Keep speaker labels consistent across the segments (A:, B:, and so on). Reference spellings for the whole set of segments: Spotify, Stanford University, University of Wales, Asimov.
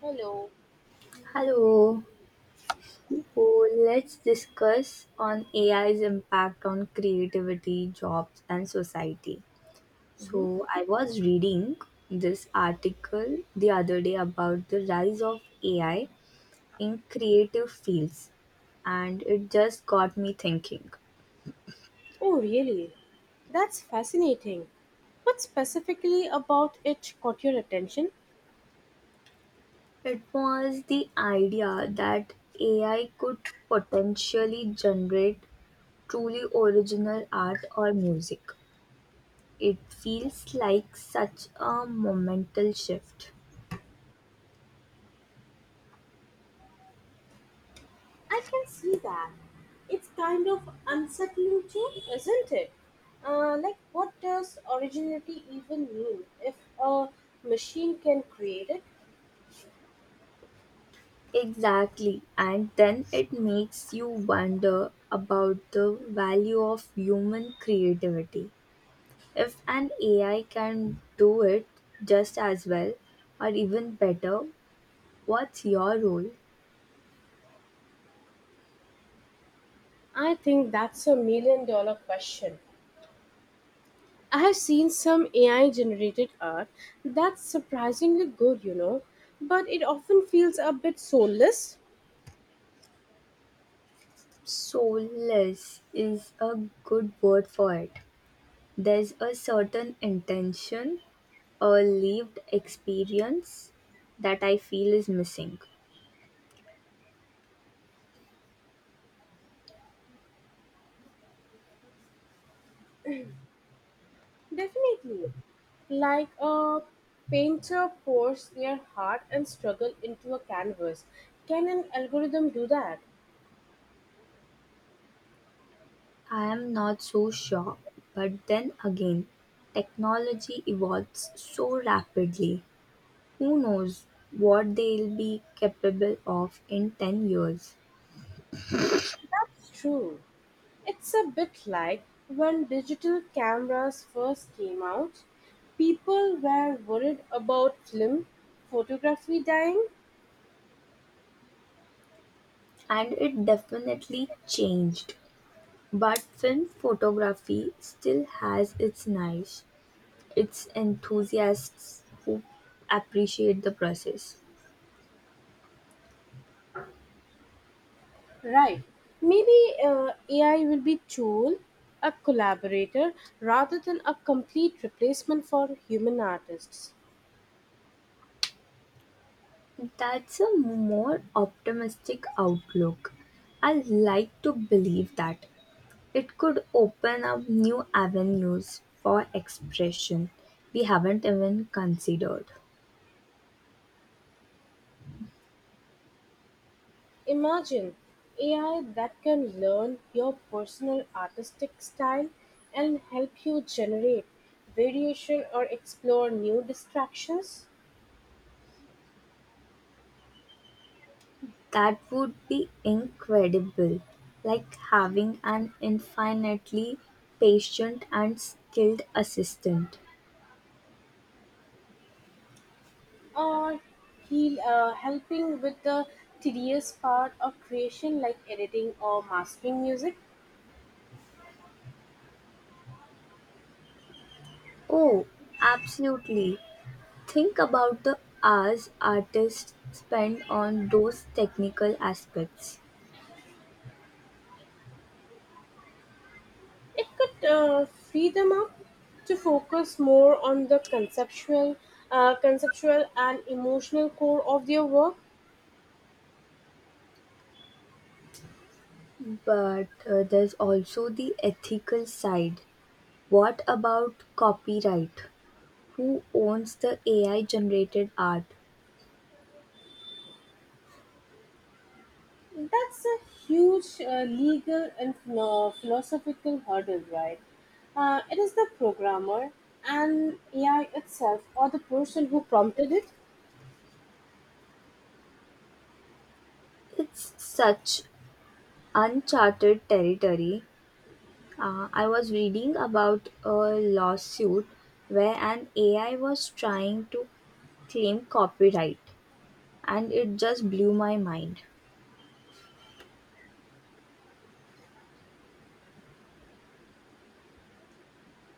A: Hello.
B: Hello. So let's discuss on AI's impact on creativity, jobs, and society.
A: Mhm.
B: So I was reading this article the other day about the rise of AI in creative fields, and it just got me thinking.
A: Oh, really? That's fascinating. What specifically about it caught your attention?
B: It was the idea that AI could potentially generate truly original art or music. It feels like such a momental shift.
A: I can see that. It's kind of unsettling too, isn't it? Like, what does originality even mean if a machine can create it?
B: Exactly, and then it makes you wonder about the value of human creativity. If an AI can do it just as well, or even better, what's your role?
A: I think that's a million dollar question. I have seen some AI generated art that's surprisingly good, but it often feels a bit soulless.
B: Soulless is a good word for it. There's a certain intention, a lived experience that I feel is missing.
A: Definitely. Like a painter pours their heart and struggle into a canvas. Can an algorithm do that?
B: I'm not so sure, but then again, technology evolves so rapidly. Who knows what they'll be capable of in 10 years?
A: That's true. It's a bit like when digital cameras first came out, people were worried about film photography dying.
B: And it definitely changed. But film photography still has its niche, its enthusiasts who appreciate the process.
A: Right. Maybe AI will be tool, a collaborator rather than a complete replacement for human artists.
B: That's a more optimistic outlook. I like to believe that. It could open up new avenues for expression we haven't even considered.
A: Imagine AI that can learn your personal artistic style and help you generate variation or explore new distractions
B: That would be incredible, like having an infinitely patient and skilled assistant.
A: or heal, helping with the tedious part of creation like editing or mastering music.
B: Oh, absolutely. Think about the hours artists spend on those technical aspects.
A: It could free them up to focus more on the conceptual and emotional core of their work.
B: But there's also the ethical side. What about copyright? Who owns the AI generated art?
A: That's a huge legal and philosophical hurdle, right? It is the programmer and AI itself, or the person who prompted it.
B: It's such uncharted territory. I was reading about a lawsuit where an AI was trying to claim copyright, and it just blew my mind.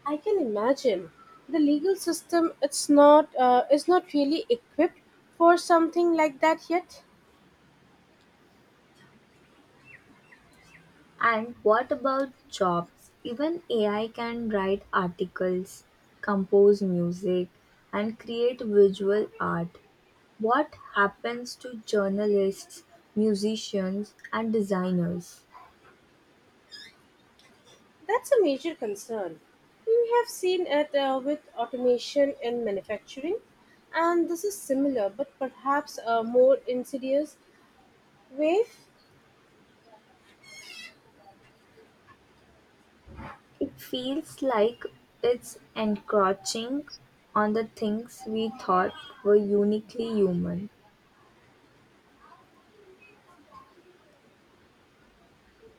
A: I can imagine the legal system. It's not. Is not really equipped for something like that yet.
B: And what about jobs? Even AI can write articles, compose music, and create visual art. What happens to journalists, musicians, and designers?
A: That's a major concern. We have seen it with automation in manufacturing, and this is similar, but perhaps a more insidious wave.
B: It feels like it's encroaching on the things we thought were uniquely human.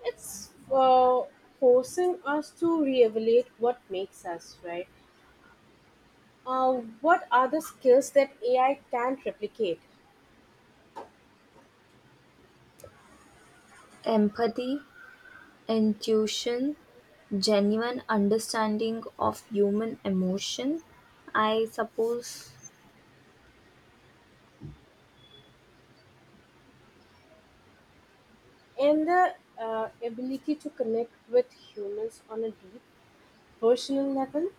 A: It's forcing us to reevaluate what makes us, right? Uh, what are the skills that AI can't replicate?
B: Empathy, intuition, genuine understanding of human emotion, I suppose.
A: And the ability to connect with humans on a deep personal level?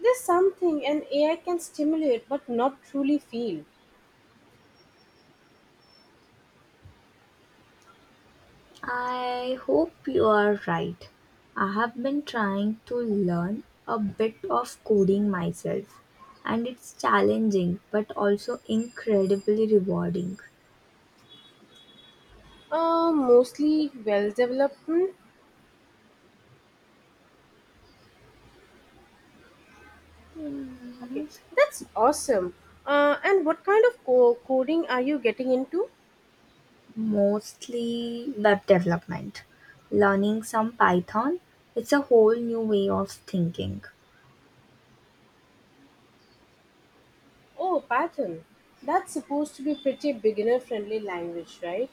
A: There's something an AI can stimulate but not truly feel.
B: I hope you are right. I have been trying to learn a bit of coding myself, and it's challenging but also incredibly rewarding.
A: Mostly well developed. Hmm? Okay,
B: Mm,
A: that's awesome. And what kind of coding are you getting into?
B: mostly web development. Learning some Python, it's a whole new way of thinking.
A: Oh, Python. That's supposed to be pretty beginner friendly language, right?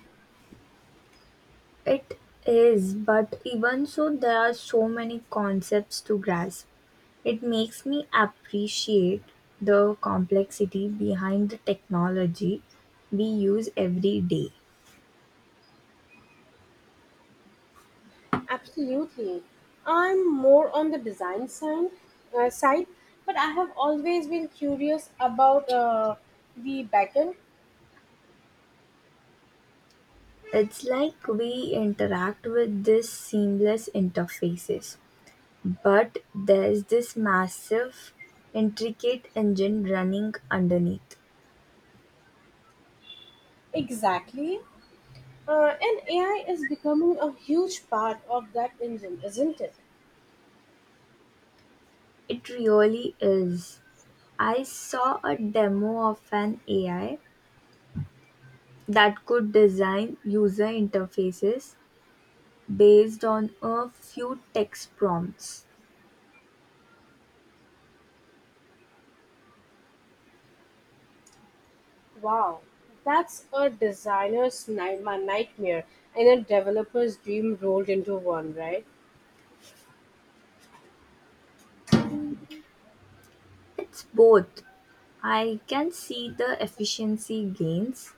B: It is, but even so, there are so many concepts to grasp. It makes me appreciate the complexity behind the technology we use every day.
A: Absolutely. I'm more on the design side but I have always been curious about the backend.
B: It's like we interact with these seamless interfaces, but there's this massive, intricate engine running underneath.
A: Exactly. And AI is becoming a huge part of that engine, isn't it?
B: It really is. I saw a demo of an AI that could design user interfaces based on a few text prompts.
A: Wow. That's a designer's nightmare and a developer's dream rolled into one, right?
B: It's both. I can see the efficiency gains,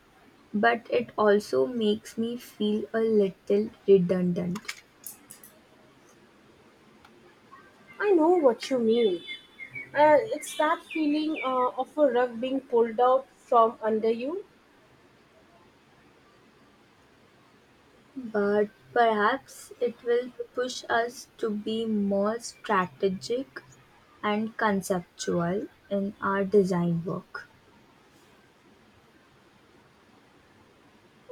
B: but it also makes me feel a little redundant.
A: I know what you mean. And it's that feeling of a rug being pulled out from under you.
B: But perhaps it will push us to be more strategic and conceptual in our design work.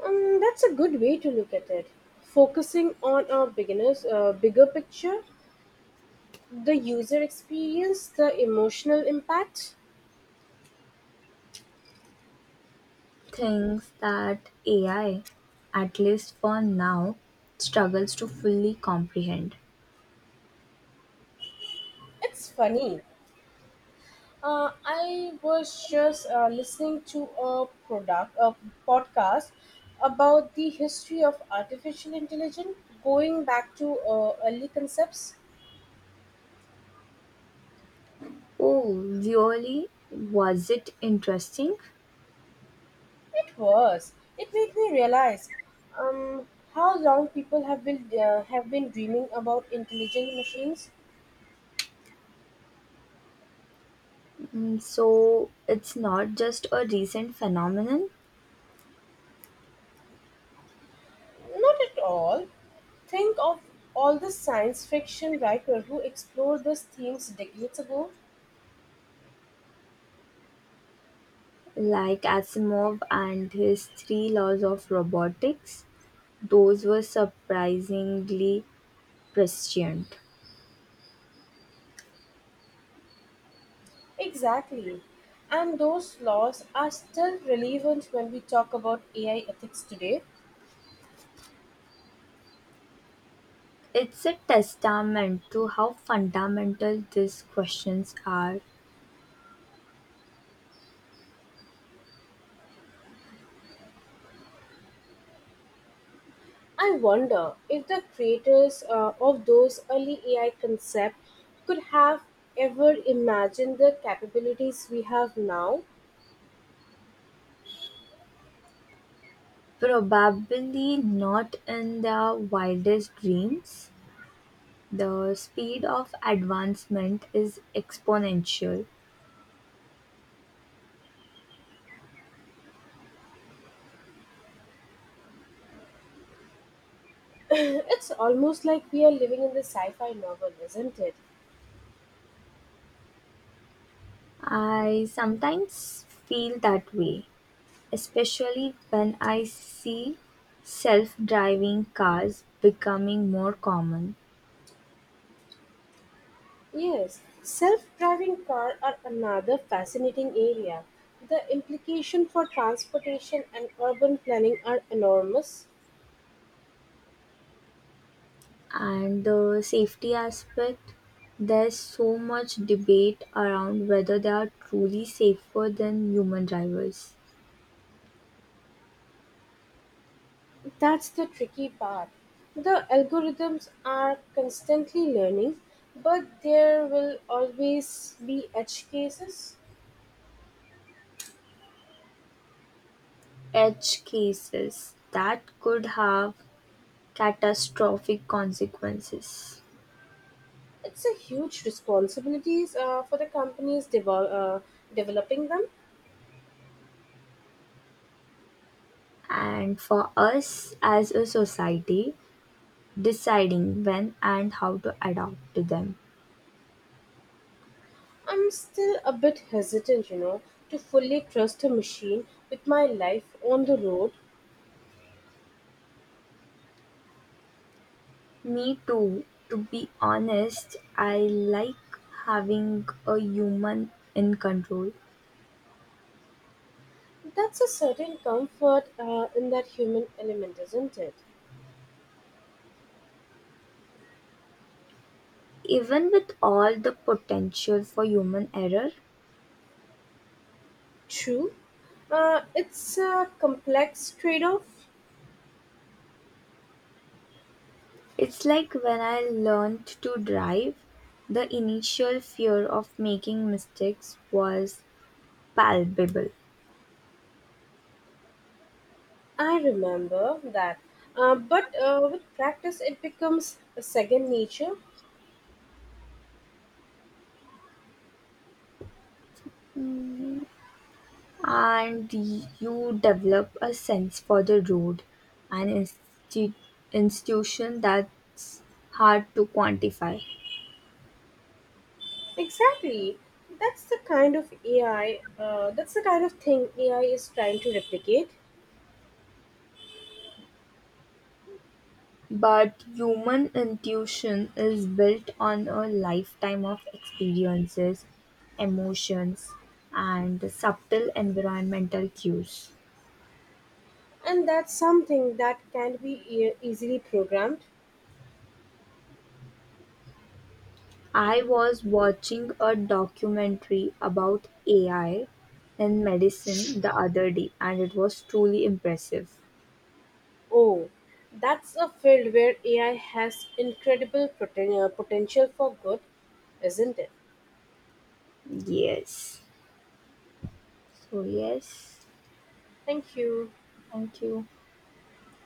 A: That's a good way to look at it. Focusing on a beginner's bigger picture, the user experience, the emotional impact.
B: Thinks that AI, at least for now, struggles to fully comprehend.
A: It's funny. I was just listening to a product, a podcast about the history of artificial intelligence, going back to early concepts.
B: Oh, really? Was it interesting?
A: It was. It made me realize um, how long people have been dreaming about intelligent machines.
B: Mm, so it's not just a recent phenomenon.
A: Not at all. Think of all the science fiction writers who explored these themes decades ago.
B: Like Asimov and his three laws of robotics, those were surprisingly prescient.
A: Exactly. And those laws are still relevant when we talk about AI ethics today.
B: It's a testament to how fundamental these questions are.
A: I wonder if the creators of those early AI concepts could have ever imagined the capabilities we have now.
B: Probably not in their wildest dreams. The speed of advancement is exponential.
A: It's almost like we are living in the sci fi novel, isn't it?
B: I sometimes feel that way, especially when I see self driving cars becoming more common.
A: Yes, self driving car are another fascinating area. The implication for transportation and urban planning are enormous.
B: And the safety aspect, there's so much debate around whether they are truly safer than human drivers.
A: That's the tricky part. The algorithms are constantly learning, but there will always be edge cases.
B: Edge cases that could have catastrophic consequences.
A: It's a huge responsibility for the companies developing them.
B: And for us as a society, deciding when and how to adapt to them.
A: I'm still a bit hesitant, you know, to fully trust a machine with my life on the road.
B: Me too, to be honest, I like having a human in control.
A: That's a certain comfort in that human element, isn't it?
B: Even with all the potential for human error,
A: True. It's a complex trade off.
B: it's like when I learned to drive, the initial fear of making mistakes was palpable
A: I remember that. But with practice, it becomes a second nature.
B: and you develop a sense for the road and insti- institution that's hard to quantify.
A: Exactly. That's the kind of thing AI is trying to replicate.
B: But human intuition is built on a lifetime of experiences, emotions, and subtle environmental cues.
A: And that's something that can be easily programmed.
B: I was watching a documentary about AI in medicine the other day and it was truly impressive.
A: Oh, that's a field where AI has incredible potential for good, isn't it?
B: Yes. So, yes.
A: Thank you.
B: Thank you.